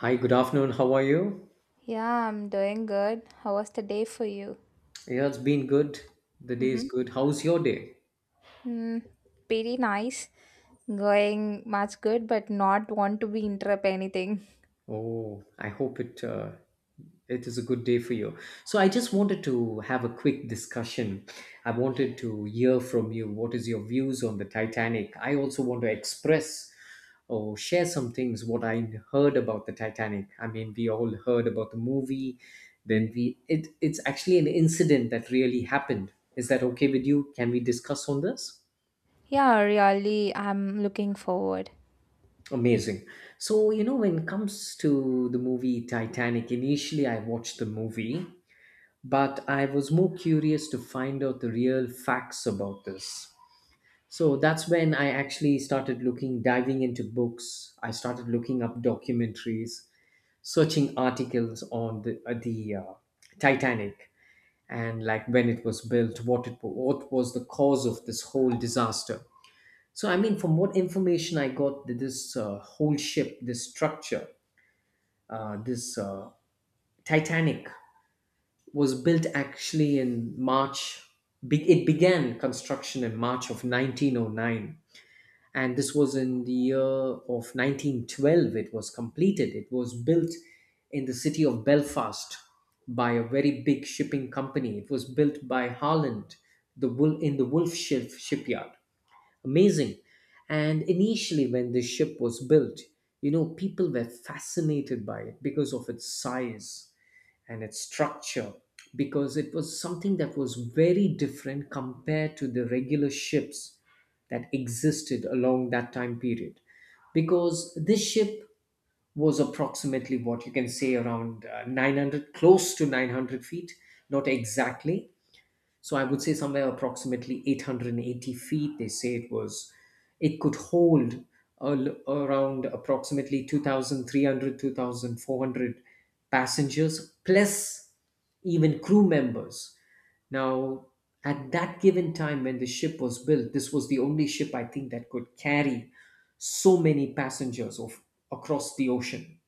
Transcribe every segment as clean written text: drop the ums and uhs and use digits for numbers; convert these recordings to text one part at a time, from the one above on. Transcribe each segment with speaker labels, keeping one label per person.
Speaker 1: Hi, good afternoon. How are you?
Speaker 2: Yeah, I'm doing good. How was the day for you?
Speaker 1: Yeah, it's been good. The day is
Speaker 2: Mm-hmm.
Speaker 1: good. How's your day?
Speaker 2: Mm, Pretty nice. Going much good, but not want to be interrupt anything.
Speaker 1: Oh, I hope it is a good day for you. So I just wanted to have a quick discussion. I wanted to hear from you. What is your views on the Titanic? I also want to express or share some things what I heard about the Titanic. I mean, we all heard about the movie. Then we it it's actually an incident that really happened. Is that okay with you? Can we discuss on this?
Speaker 2: Yeah, really, I'm looking forward.
Speaker 1: Amazing. So, you know, when it comes to the movie Titanic, initially I watched the movie, but I was more curious to find out the real facts about this. So that's when I actually started looking, diving into books. I started looking up documentaries, searching articles on the Titanic, and like when it was built, what was the cause of this whole disaster. So I mean, from what information I got, that this whole ship, this structure, this Titanic was built actually in March. It began construction in March of 1909, and this was in the year of 1912. It was completed. It was built in the city of Belfast by a very big shipping company. It was built by Holland, in the shipyard. Amazing. And initially, when this ship was built, you know, people were fascinated by it because of its size and its structure, because it was something that was very different compared to the regular ships that existed along that time period. Because this ship was approximately what you can say around 900, close to 900 feet, not exactly, so I would say somewhere approximately 880 feet. They say it was, it could hold a l around approximately 2,300, 2,400 passengers, plus even crew members. Now, at that given time when the ship was built, this was the only ship I think that could carry so many passengers of, across the ocean.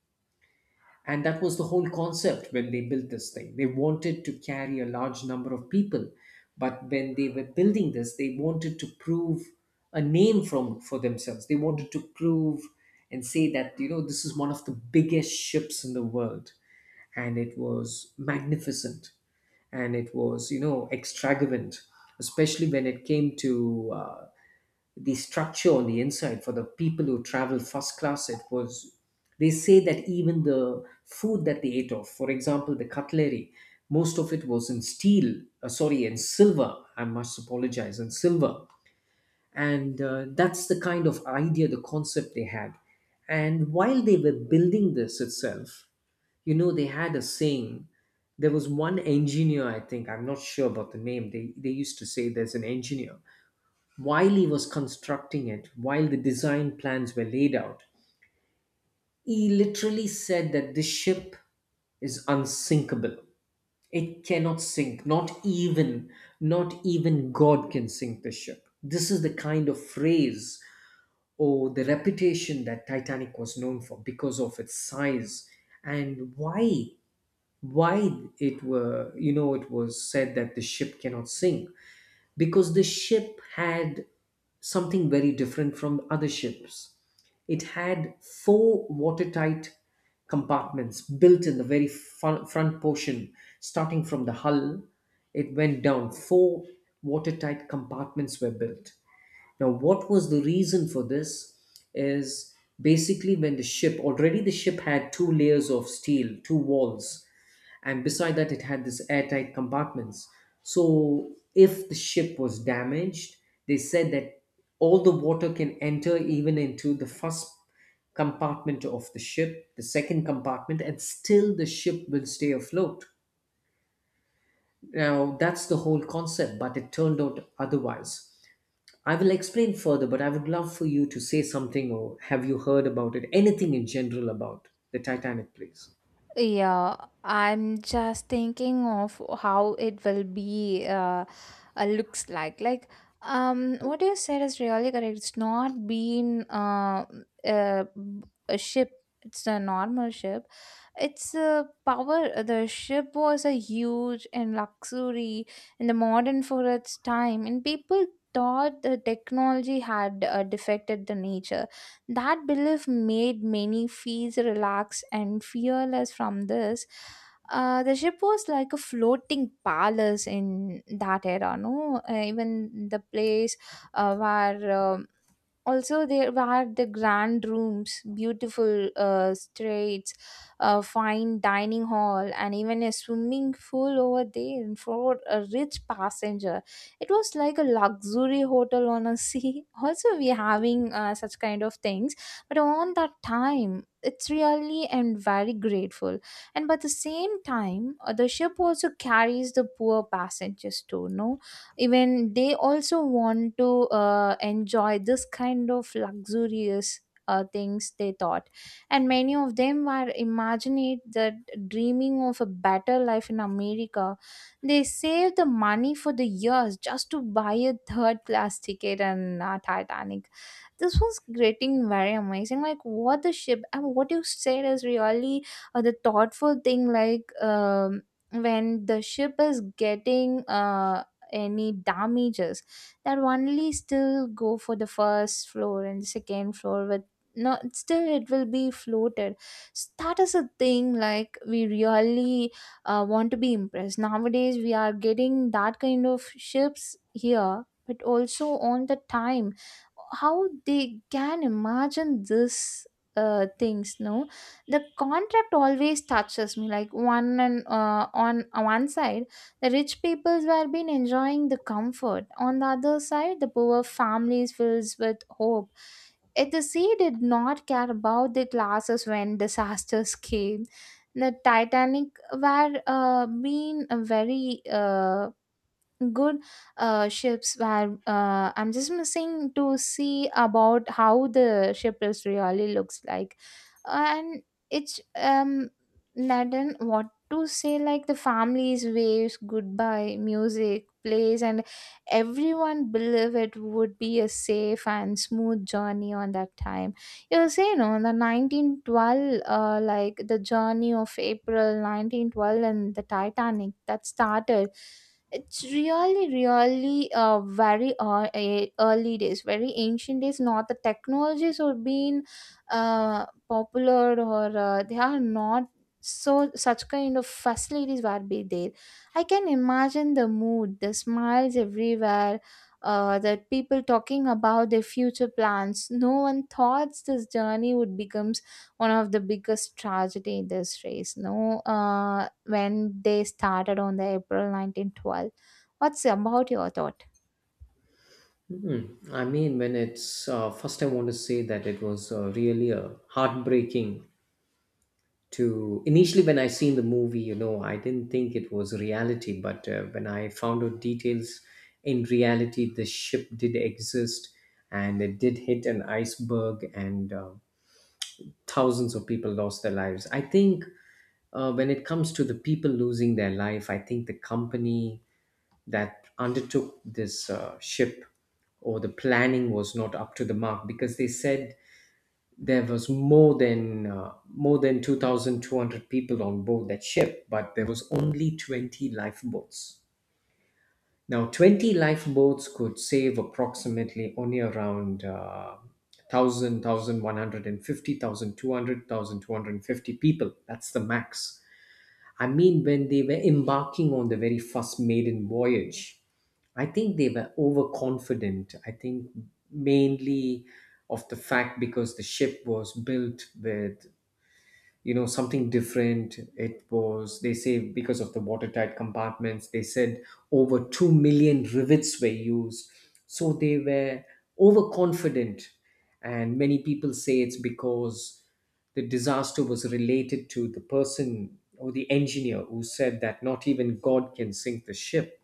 Speaker 1: And that was the whole concept when they built this thing. They wanted to carry a large number of people, but when they were building this, they wanted to prove a name from for themselves. They wanted to prove and say that, you know, this is one of the biggest ships in the world, and it was magnificent, and it was, you know, extravagant, especially when it came to the structure on the inside. For the people who travel first class, it was, they say that even the food that they ate, of for example the cutlery, most of it was in steel uh, sorry in silver, I must apologize, in silver. And that's the kind of idea, the concept they had. And while they were building this itself, you know, they had a saying. There was one engineer, I think, I'm not sure about the name, they used to say, there's an engineer, while he was constructing it, while the design plans were laid out, he literally said that this ship is unsinkable. It cannot sink. Not even God can sink this ship. This is the kind of phrase or the reputation that Titanic was known for, because of its size. And why it were, you know, it was said that the ship cannot sink, because the ship had something very different from other ships. It had four watertight compartments built in the very front portion, starting from the hull. It went down. Four watertight compartments were built. Now, what was the reason for this? Is basically, when the ship already the ship had two layers of steel, two walls, and beside that it had this airtight compartments. So if the ship was damaged, they said that all the water can enter even into the first compartment of the ship, the second compartment, and still the ship will stay afloat. Now that's the whole concept, but it turned out otherwise. I will explain further, but I would love for you to say something, or have you heard about it, anything in general about the Titanic, please?
Speaker 2: Yeah, I'm just thinking of how it will be looks like. Like, what you said is really correct. It's not been uh a ship. It's a normal ship. It's a power. The ship was a huge and luxury in the modern for its time, and people thought the technology had defected the nature. That belief made many feel relaxed and fearless from this. The ship was like a floating palace in that era, no? Even the place where, also there were the grand rooms, beautiful streets, a fine dining hall, and even a swimming pool over there for a rich passenger. It was like a luxury hotel on a sea. Also, we having such kind of things, but on that time it's really and very grateful. And by the same time, the ship also carries the poor passengers too, no? Even they also want to enjoy this kind of luxurious things, they thought. And many of them were imagining that, dreaming of a better life in America. They saved the money for the years just to buy a third class ticket and Titanic. This was getting very amazing, like what the ship and what you said is really the thoughtful thing, like when the ship is getting any damages, that only still go for the first floor and second floor with no, still it will be floated. S That is a thing, like we really want to be impressed. Nowadays we are getting that kind of ships here, but also on the time, how they can imagine this things, no? The contract always touches me, like one and on one side the rich peoples were been enjoying the comfort. On the other side, the poor families fills with hope. Yet the sea did not care about the classes when disasters came. The Titanic were been a very good ships where I'm just missing to see about how the ship is really looks like, and it's I don't what to say, like the families waves goodbye, music plays, and everyone believe it would be a safe and smooth journey on that time. You say you know the 1912, like the journey of April 1912 and the Titanic that started. It's really really very early days, very ancient days, not the technologies or being popular or they are not so such kind of facilities were be there. I can imagine the mood, the smiles everywhere, the people talking about their future plans. No one thought this journey would become one of the biggest tragedy in this race. No, when they started on the April 1912. What's about your thought?
Speaker 1: Hmm. I mean, when it's first, I want to say that it was really heartbreaking. To initially, when I seen the movie, you know, I didn't think it was reality, but when I found out details, in reality, the ship did exist, and it did hit an iceberg, and thousands of people lost their lives. I think when it comes to the people losing their life, I think the company that undertook this ship or the planning was not up to the mark, because they said there was more than 2,200 people on board that ship, but there was only 20 lifeboats. Now 20 lifeboats could save approximately only around 1000 people, that's the max. I mean, when they were embarking on the very first maiden voyage, I think they were overconfident. I think mainly of the fact, because the ship was built with, you know, something different. It was, they say because of the watertight compartments, they said over 2 million rivets were used, so they were overconfident. And many people say it's because the disaster was related to the person or the engineer who said that not even God can sink the ship.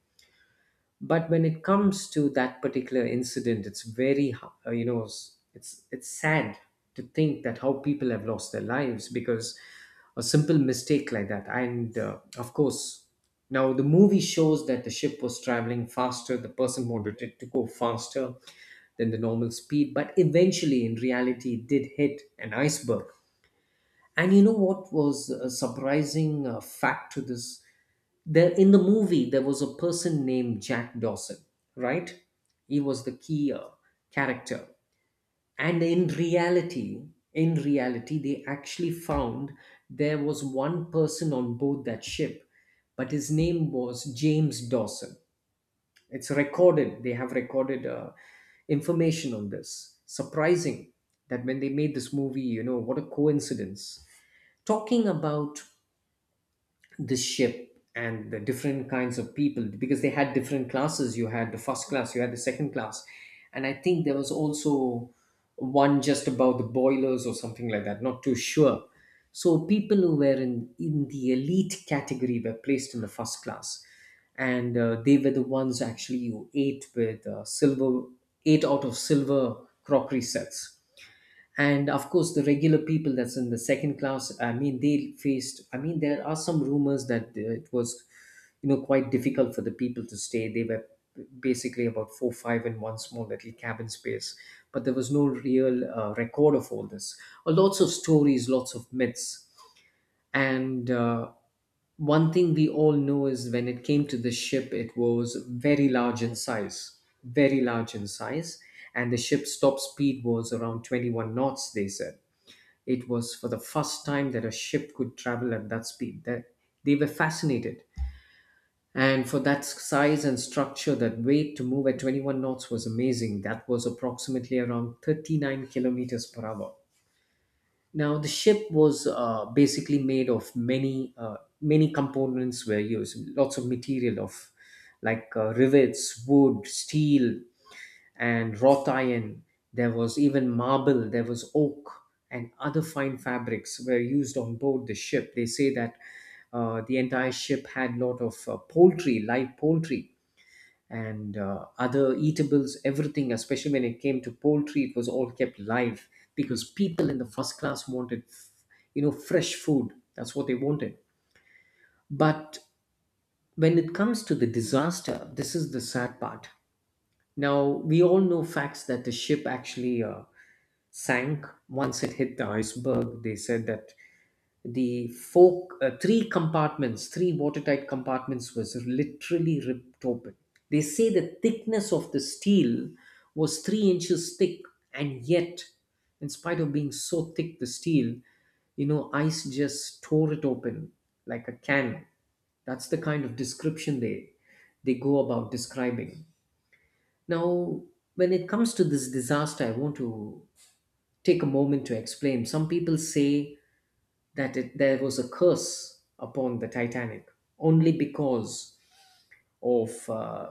Speaker 1: But when it comes to that particular incident, it's very, you know, it's sad to think that how people have lost their lives because a simple mistake like that. And of course, now the movie shows that the ship was traveling faster, the person wanted it to go faster than the normal speed, but eventually in reality it did hit an iceberg. And you know what was a surprising fact to this, there in the movie there was a person named Jack Dawson, right? He was the key character. And in reality, in reality they actually found there was one person on board that ship, but his name was James Dawson. It's recorded. They have recorded information on this. Surprising that when they made this movie, you know what a coincidence. Talking about this ship and the different kinds of people, because they had different classes, you had the first class, you had the second class, and I think there was also one just about the boilers or something like that, not too sure. So people who were in the elite category were placed in the first class, and they were the ones actually who ate with silver crockery sets. And of course the regular people, that's in the second class, I mean they faced, I mean there are some rumors that it was, you know, quite difficult for the people to stay. They were basically about 4 5 in one small little cabin space, but there was no real record of all this. Lots of stories, lots of myths. And one thing we all know is when it came to the ship, it was very large in size, very large in size. And the ship's top speed was around 21 knots, they said. It was for the first time that a ship could travel at that speed. That they were fascinated. And for that size and structure, that weight to move at 21 knots was amazing. That was approximately around 39 kilometers per hour. Now, the ship was basically made of many many components were used, lots of material of like rivets, wood, steel, and wrought iron. There was even marble, there was oak, and other fine fabrics were used on board the ship. They say that the entire ship had lot of poultry, live poultry, and other eatables, everything. Especially when it came to poultry, it was all kept live, because people in the first class wanted, you know, fresh food. That's what they wanted. But when it comes to the disaster, this is the sad part. Now, we all know facts that the ship actually sank once it hit the iceberg. They said that the four, three compartments three watertight compartments was literally ripped open. They say the thickness of the steel was 3 inches thick, and yet in spite of being so thick the steel, you know, ice just tore it open like a can. That's the kind of description they go about describing. Now when it comes to this disaster, I want to take a moment to explain. Some people say that there was a curse upon the Titanic, only because of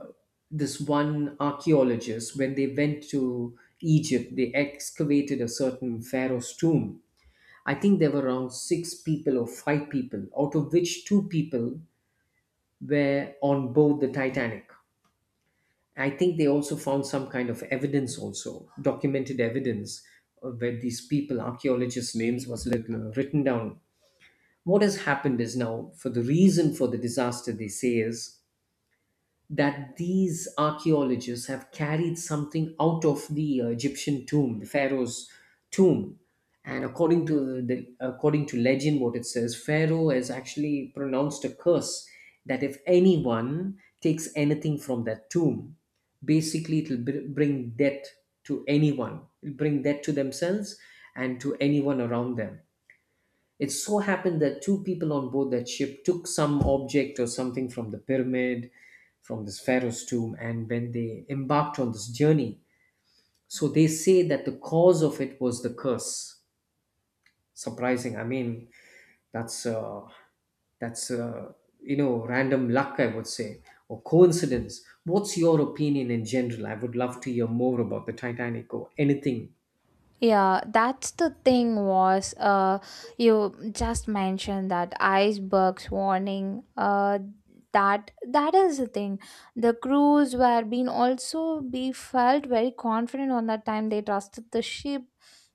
Speaker 1: this one archaeologist. When they went to Egypt, they excavated a certain pharaoh's tomb. I think there were around six people or five people, out of which two people were on board the Titanic. I think they also found some kind of evidence, also documented evidence, where these people, archaeologists' names was written down. What has happened is, now for the reason for the disaster, they say is that these archaeologists have carried something out of the Egyptian tomb, the pharaoh's tomb. And according to the according to legend, what it says, pharaoh has actually pronounced a curse that if anyone takes anything from that tomb, basically it'll bring death to anyone, it'll bring death to themselves and to anyone around them. It so happened that two people on board that ship took some object or something from the pyramid, from this pharaoh's tomb, and when they embarked on this journey, so they say that the cause of it was the curse. Surprising. I mean, that's uh, that's random luck, I would say, or coincidence. What's your opinion in general? I would love to hear more about the Titanic or anything.
Speaker 2: Yeah, that's the thing was you just mentioned that icebergs warning, that is the thing. The crews were being also be felt very confident on that time, they trusted the ship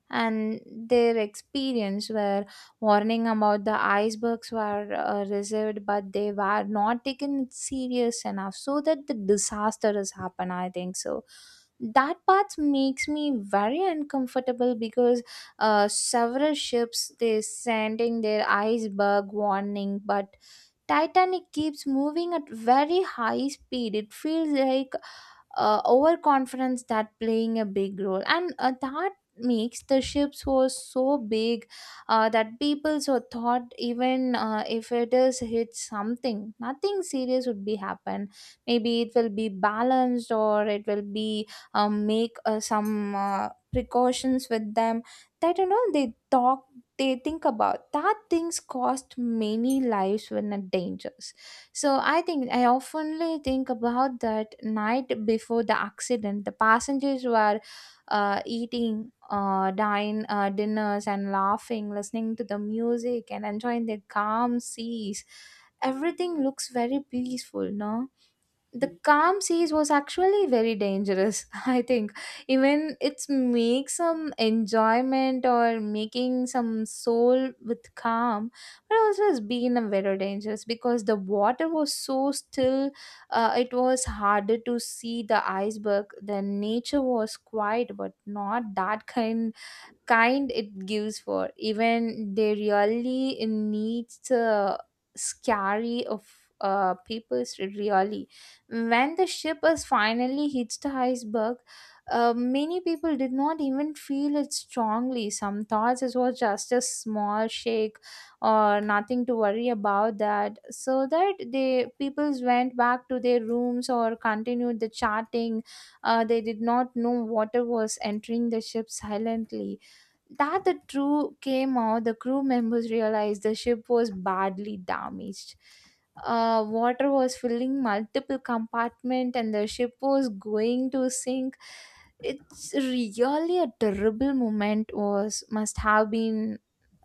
Speaker 2: and their experience where warning about the icebergs were reserved, but they were not taken serious enough so that the disaster has happened, I think so. That part makes me very uncomfortable because several ships they sending their iceberg warning, but Titanic keeps moving at very high speed. It feels like overconfidence that playing a big role, and that makes the ships was so big that people so thought even if it is hit something, nothing serious would be happen. Maybe it will be balanced or it will be make some precautions with them that you know they talk they think about that things cost many lives when are dangerous. So I think I oftenly think about that night before the accident. The passengers were eating dine dinners and laughing, listening to the music, and enjoying the calm seas. Everything looks very peaceful, no? The calm seas was actually very dangerous. I think even it's make some enjoyment or making some soul with calm, but also it's been a very dangerous because the water was so still. It was harder to see the iceberg. The nature was quiet but not that kind it gives for, even they really needs scary of people really. When the ship is finally hits the iceberg, many people did not even feel it strongly. Some thoughts it was just a small shake or nothing to worry about that, so that they peoples went back to their rooms or continued the chatting. They did not know water was entering the ship silently. That the crew came out, the crew members realized the ship was badly damaged. Water was filling multiple compartments, and the ship was going to sink. It's really a terrible moment, was must have been,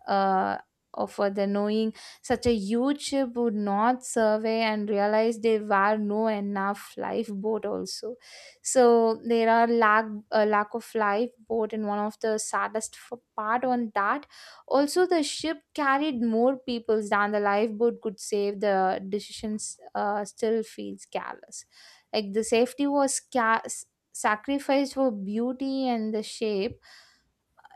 Speaker 2: uh, of the knowing such a huge ship would not survey and realize there were no enough lifeboat also. So there are lack a lack of lifeboat and one of the saddest part on that. Also the ship carried more peoples than the lifeboat could save, the decisions still feels careless, like the safety was sacrificed for beauty and the shape.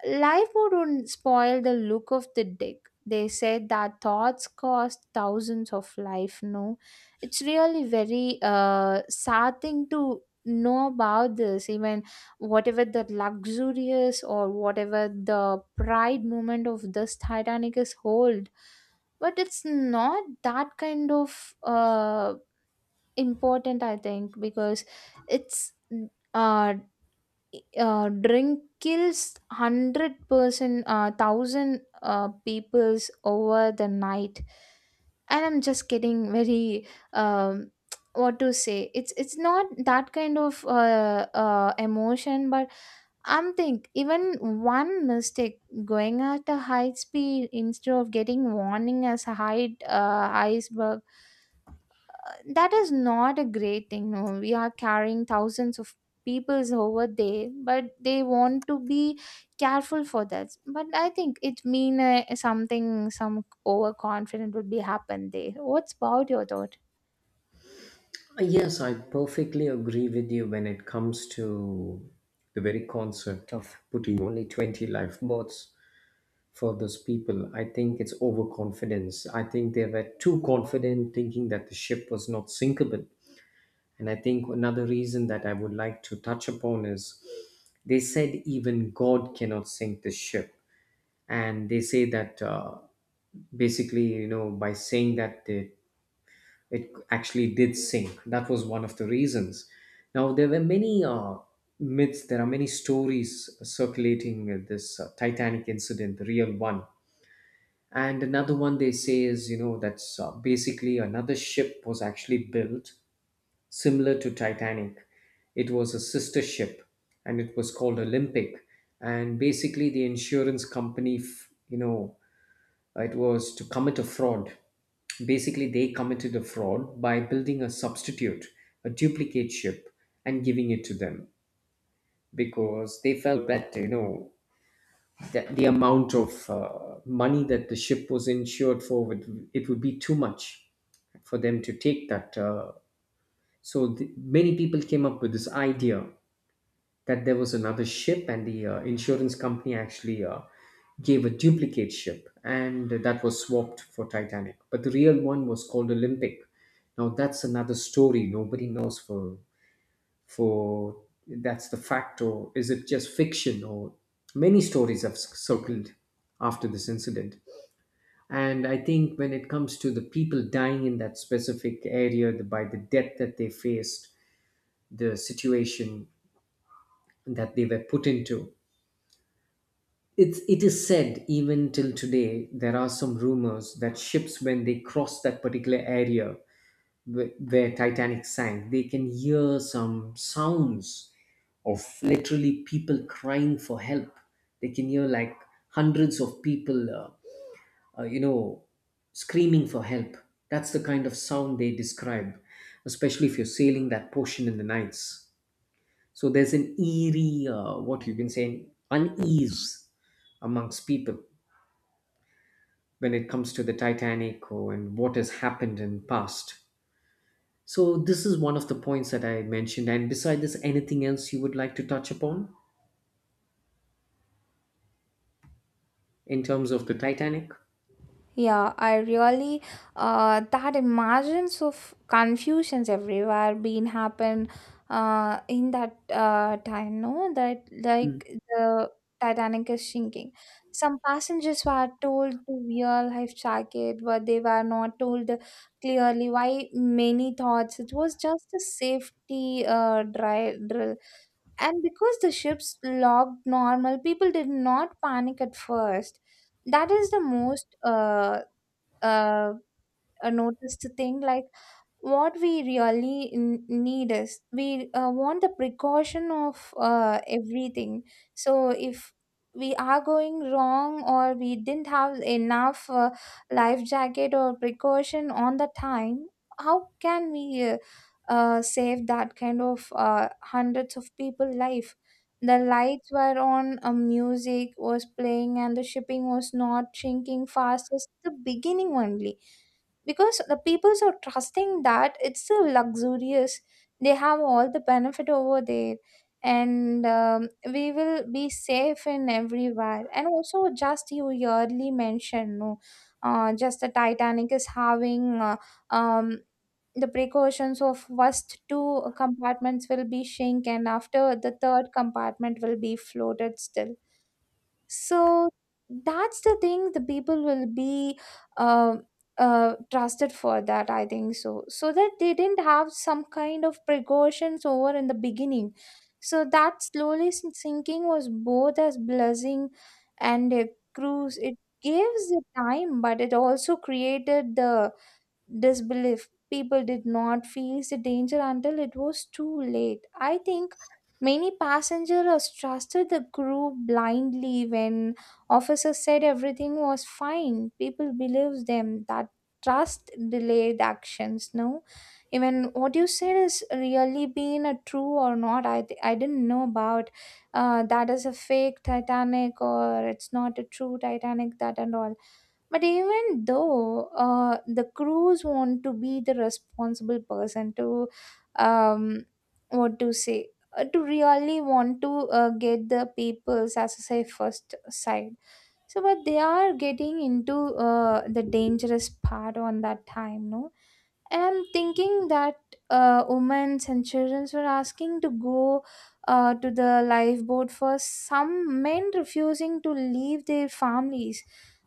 Speaker 2: Life wouldn't spoil the look of the dick. They said that thoughts cost thousands of life. No, it's really very sad thing to know about this. Even whatever the luxurious or whatever the pride moment of this Titanic is hold, but it's not that kind of important. I think because it's uh drink kills 100% 1,000 peoples over the night. And I'm just getting very um, what to say, it's not that kind of emotion, but I'm think even one mistake going at a high speed instead of getting warning as a high iceberg, that is not a great thing, no? We are carrying thousands of peoples over there, but they want to be careful for that. But I think it mean something, some overconfident would be happen there. What's about your thought?
Speaker 1: Yes, I perfectly agree with you when it comes to the very concept of putting only 20 lifeboats for those people. I think it's overconfidence. I think they were too confident thinking that the ship was not sinkable. And I think another reason that I would like to touch upon is they said even God cannot sink the ship. And they say that basically, you know, by saying that, they, it actually did sink. That was one of the reasons. Now, there were many myths, there are many stories circulating this Titanic incident, the real one. And another one they say is, you know, that's basically another ship was actually built similar to Titanic. It was a sister ship, and it was called Olympic. And basically, the insurance company, you know, it was to commit a fraud. Basically, they committed a fraud by building a substitute, a duplicate ship, and giving it to them, because they felt that, you know, that the amount of money that the ship was insured for would, it would be too much for them to take that. So many people came up with this idea that there was another ship, and the insurance company actually gave a duplicate ship, and that was swapped for Titanic. But the real one was called Olympic. Now that's another story. Nobody knows for that's the fact, or is it just fiction? Or many stories have circled after this incident. And I think when it comes to the people dying in that specific area, the, by the death that they faced, the situation that they were put into, it's, it is said even till today there are some rumors that ships, when they cross that particular area where Titanic sank, they can hear some sounds of literally people crying for help. They can hear like hundreds of people, uh, you know, screaming for help. That's the kind of sound they describe, especially if you're sailing that portion in the nights. So there's an eerie, what you can say, an unease amongst people, when it comes to the Titanic or and what has happened in past. So this is one of the points that I mentioned. And beside this, anything else you would like to touch upon in terms of the Titanic?
Speaker 2: Yeah, I really that emergence of confusions everywhere being happen in that time, no? That
Speaker 1: Mm.
Speaker 2: like the Titanic is sinking. Some passengers were told to wear life jacket, but they were not told clearly why. Many thoughts it was just a safety dry drill. And because the ships logged normal, people did not panic at first. That is the most uh, noticed thing, like what we really need is we want the precaution of everything. So if we are going wrong or we didn't have enough life jacket or precaution on the time, how can we save that kind of hundreds of people life? The lights were on, music was playing, and the shipping was not shrinking fast as the beginning only because the peoples are trusting that it's so luxurious, they have all the benefit over there, and we will be safe in everywhere. And also just you yearly mentioned, no? Just the Titanic is having um, the precautions of first two compartments will be shrink and after the third compartment will be floated still. So that's the thing, the people will be uh, trusted for that, I think so. So that they didn't have some kind of precautions over in the beginning. So that slowly sinking was both as blessing and a cruise. It gives the time but it also created the disbelief. People did not face the danger until it was too late. I think many passengers trusted the crew blindly. When officers said everything was fine, people believed them. That trust delayed actions. No, even what you said is really being a true or not. I didn't know about that is a fake Titanic or it's not a true Titanic. That and all, but even though the crews want to be the responsible person to, um, what to say, to really want to get the people's, as I say, first side. So, but they are getting into the dangerous part on that time, no? And I'm thinking that women and children were asking to go to the lifeboat first. Some men refusing to leave their families.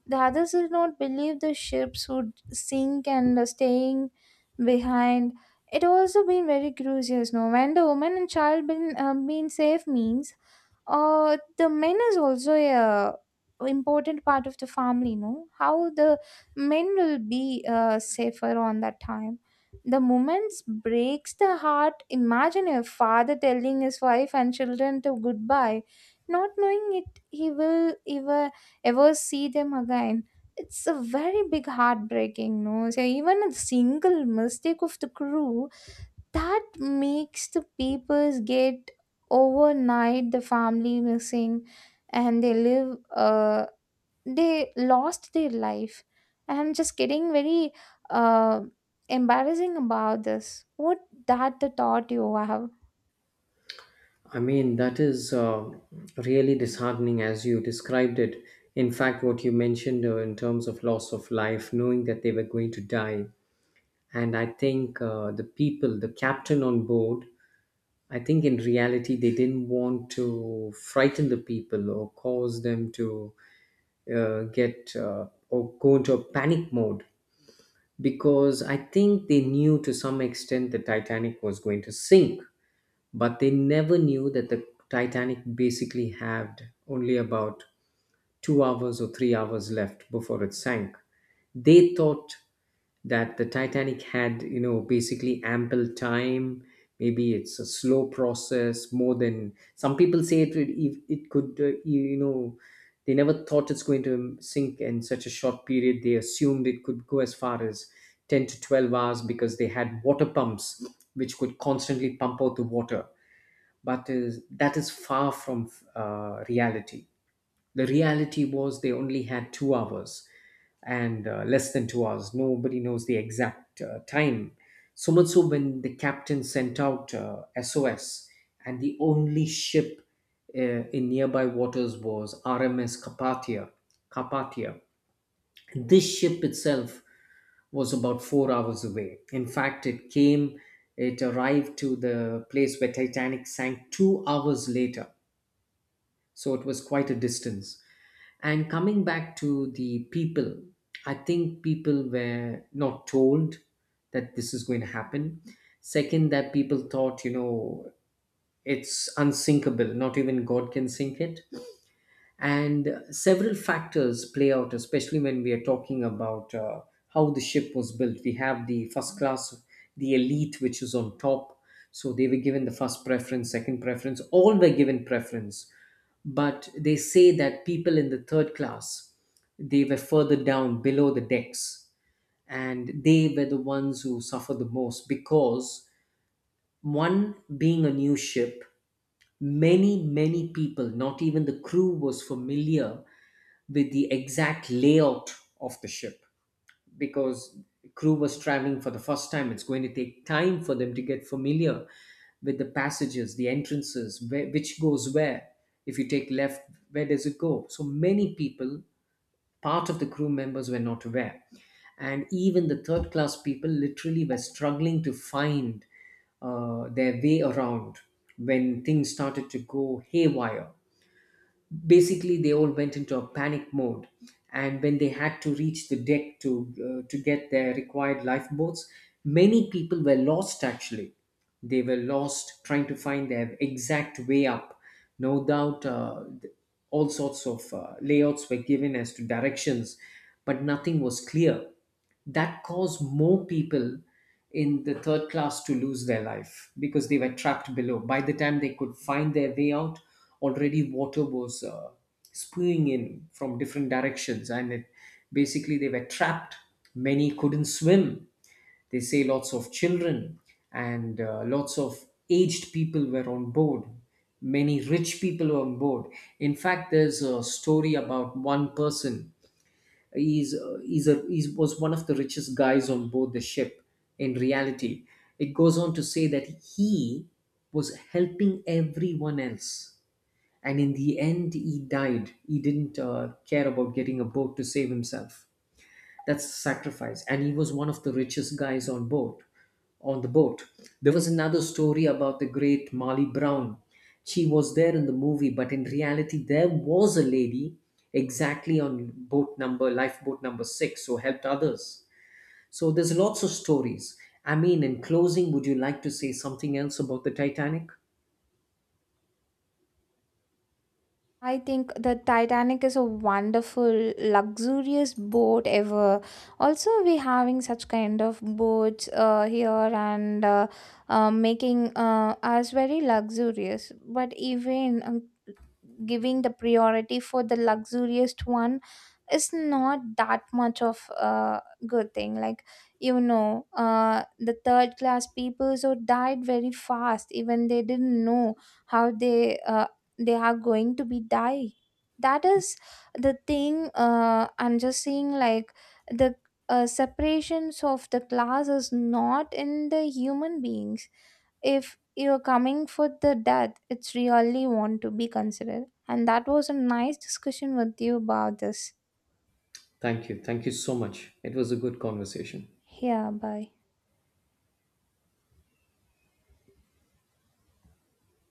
Speaker 2: The others did not believe the ships would sink and staying behind. It also been very curious, no? When the woman and child been safe means, the men is also a important part of the family, no? How the men will be safer on that time. The moments breaks the heart, imagine a father telling his wife and children to goodbye, not knowing it he will ever, ever see them again. It's a very big heartbreaking, no? So even a single mistake of the crew that makes the papers get overnight, the family missing. And they lost their life. And I'm just getting very uh embarrassing about this. What that the thought you have?
Speaker 1: I mean, that is really disheartening as you described it. In fact, what you mentioned in terms of loss of life, knowing that they were going to die. And I think the people, the captain on board, I think in reality they didn't want to frighten the people or cause them to get or go into a panic mode, because I think they knew to some extent the Titanic was going to sink, but they never knew that the Titanic basically had only about 2 hours or 3 hours left before it sank. They thought that the Titanic had, you know, basically ample time. Maybe it's a slow process more than some people say it. It could, they never thought it's going to sink in such a short period. They assumed it could go as far as 10 to 12 hours, because they had water pumps which could constantly pump out the water. But that is far from reality. The reality was they only had 2 hours and less than 2 hours. Nobody knows the exact time. So much so, when the captain sent out SOS, and the only ship in nearby waters was RMS Carpathia. Carpathia. This ship itself was about 4 hours away. In fact, it came, it arrived to the place where Titanic sank 2 hours later, so it was quite a distance. And coming back to the people, I think people were not told that this is going to happen. Second, that people thought, you know, it's unsinkable, not even God can sink it. And several factors play out, especially when we are talking about how the ship was built. We have the first class, the elite, which is on top, so they were given the first preference, second preference, all were given preference. But they say that people in the third class, they were further down below the decks, and they were the ones who suffered the most, because one, being a new ship, many people, not even the crew was familiar with the exact layout of the ship, because crew was traveling for the first time, it's going to take time for them to get familiar with the passages, the entrances, where, which goes where. If you take left, where does it go? So many people, part of the crew members, were not aware. And even the third class people literally were struggling to find their way around when things started to go haywire. Basically, they all went into a panic mode, and when they had to reach the deck to get their required lifeboats, many people were lost, actually. They were lost trying to find their exact way up. No doubt, all sorts of layouts were given as to directions, but nothing was clear. That caused more people in the third class to lose their life, because they were trapped below. By the time they could find their way out, already water was spewing in from different directions, and it, basically they were trapped. Many couldn't swim. They say lots of children and lots of aged people were on board. Many rich people were on board. In fact, there's a story about one person. He's a, he was one of the richest guys on board the ship, in reality. It goes on to say that he was helping everyone else. And in the end, he died. He didn't care about getting a boat to save himself. That's sacrifice. And he was one of the richest guys on board, on the boat. There was another story about the great Molly Brown. She was there in the movie, but in reality, there was a lady exactly on boat number, lifeboat number six, who helped others. So there's lots of stories. I mean, in closing, would you like to say something else about the Titanic?
Speaker 2: I think the Titanic is a wonderful, luxurious boat ever. Also, we having such kind of boats here and making us very luxurious. But even giving the priority for the luxurious one is not that much of a good thing, like you know the third class people so died very fast, even they didn't know how they are going to be die. That is the thing, I'm just seeing like the separations of the class is not in the human beings. If you're coming for the death, it's really want to be considered. And that was a nice discussion with you about this.
Speaker 1: Thank you. Thank you so much. It was a good conversation.
Speaker 2: Yeah, bye.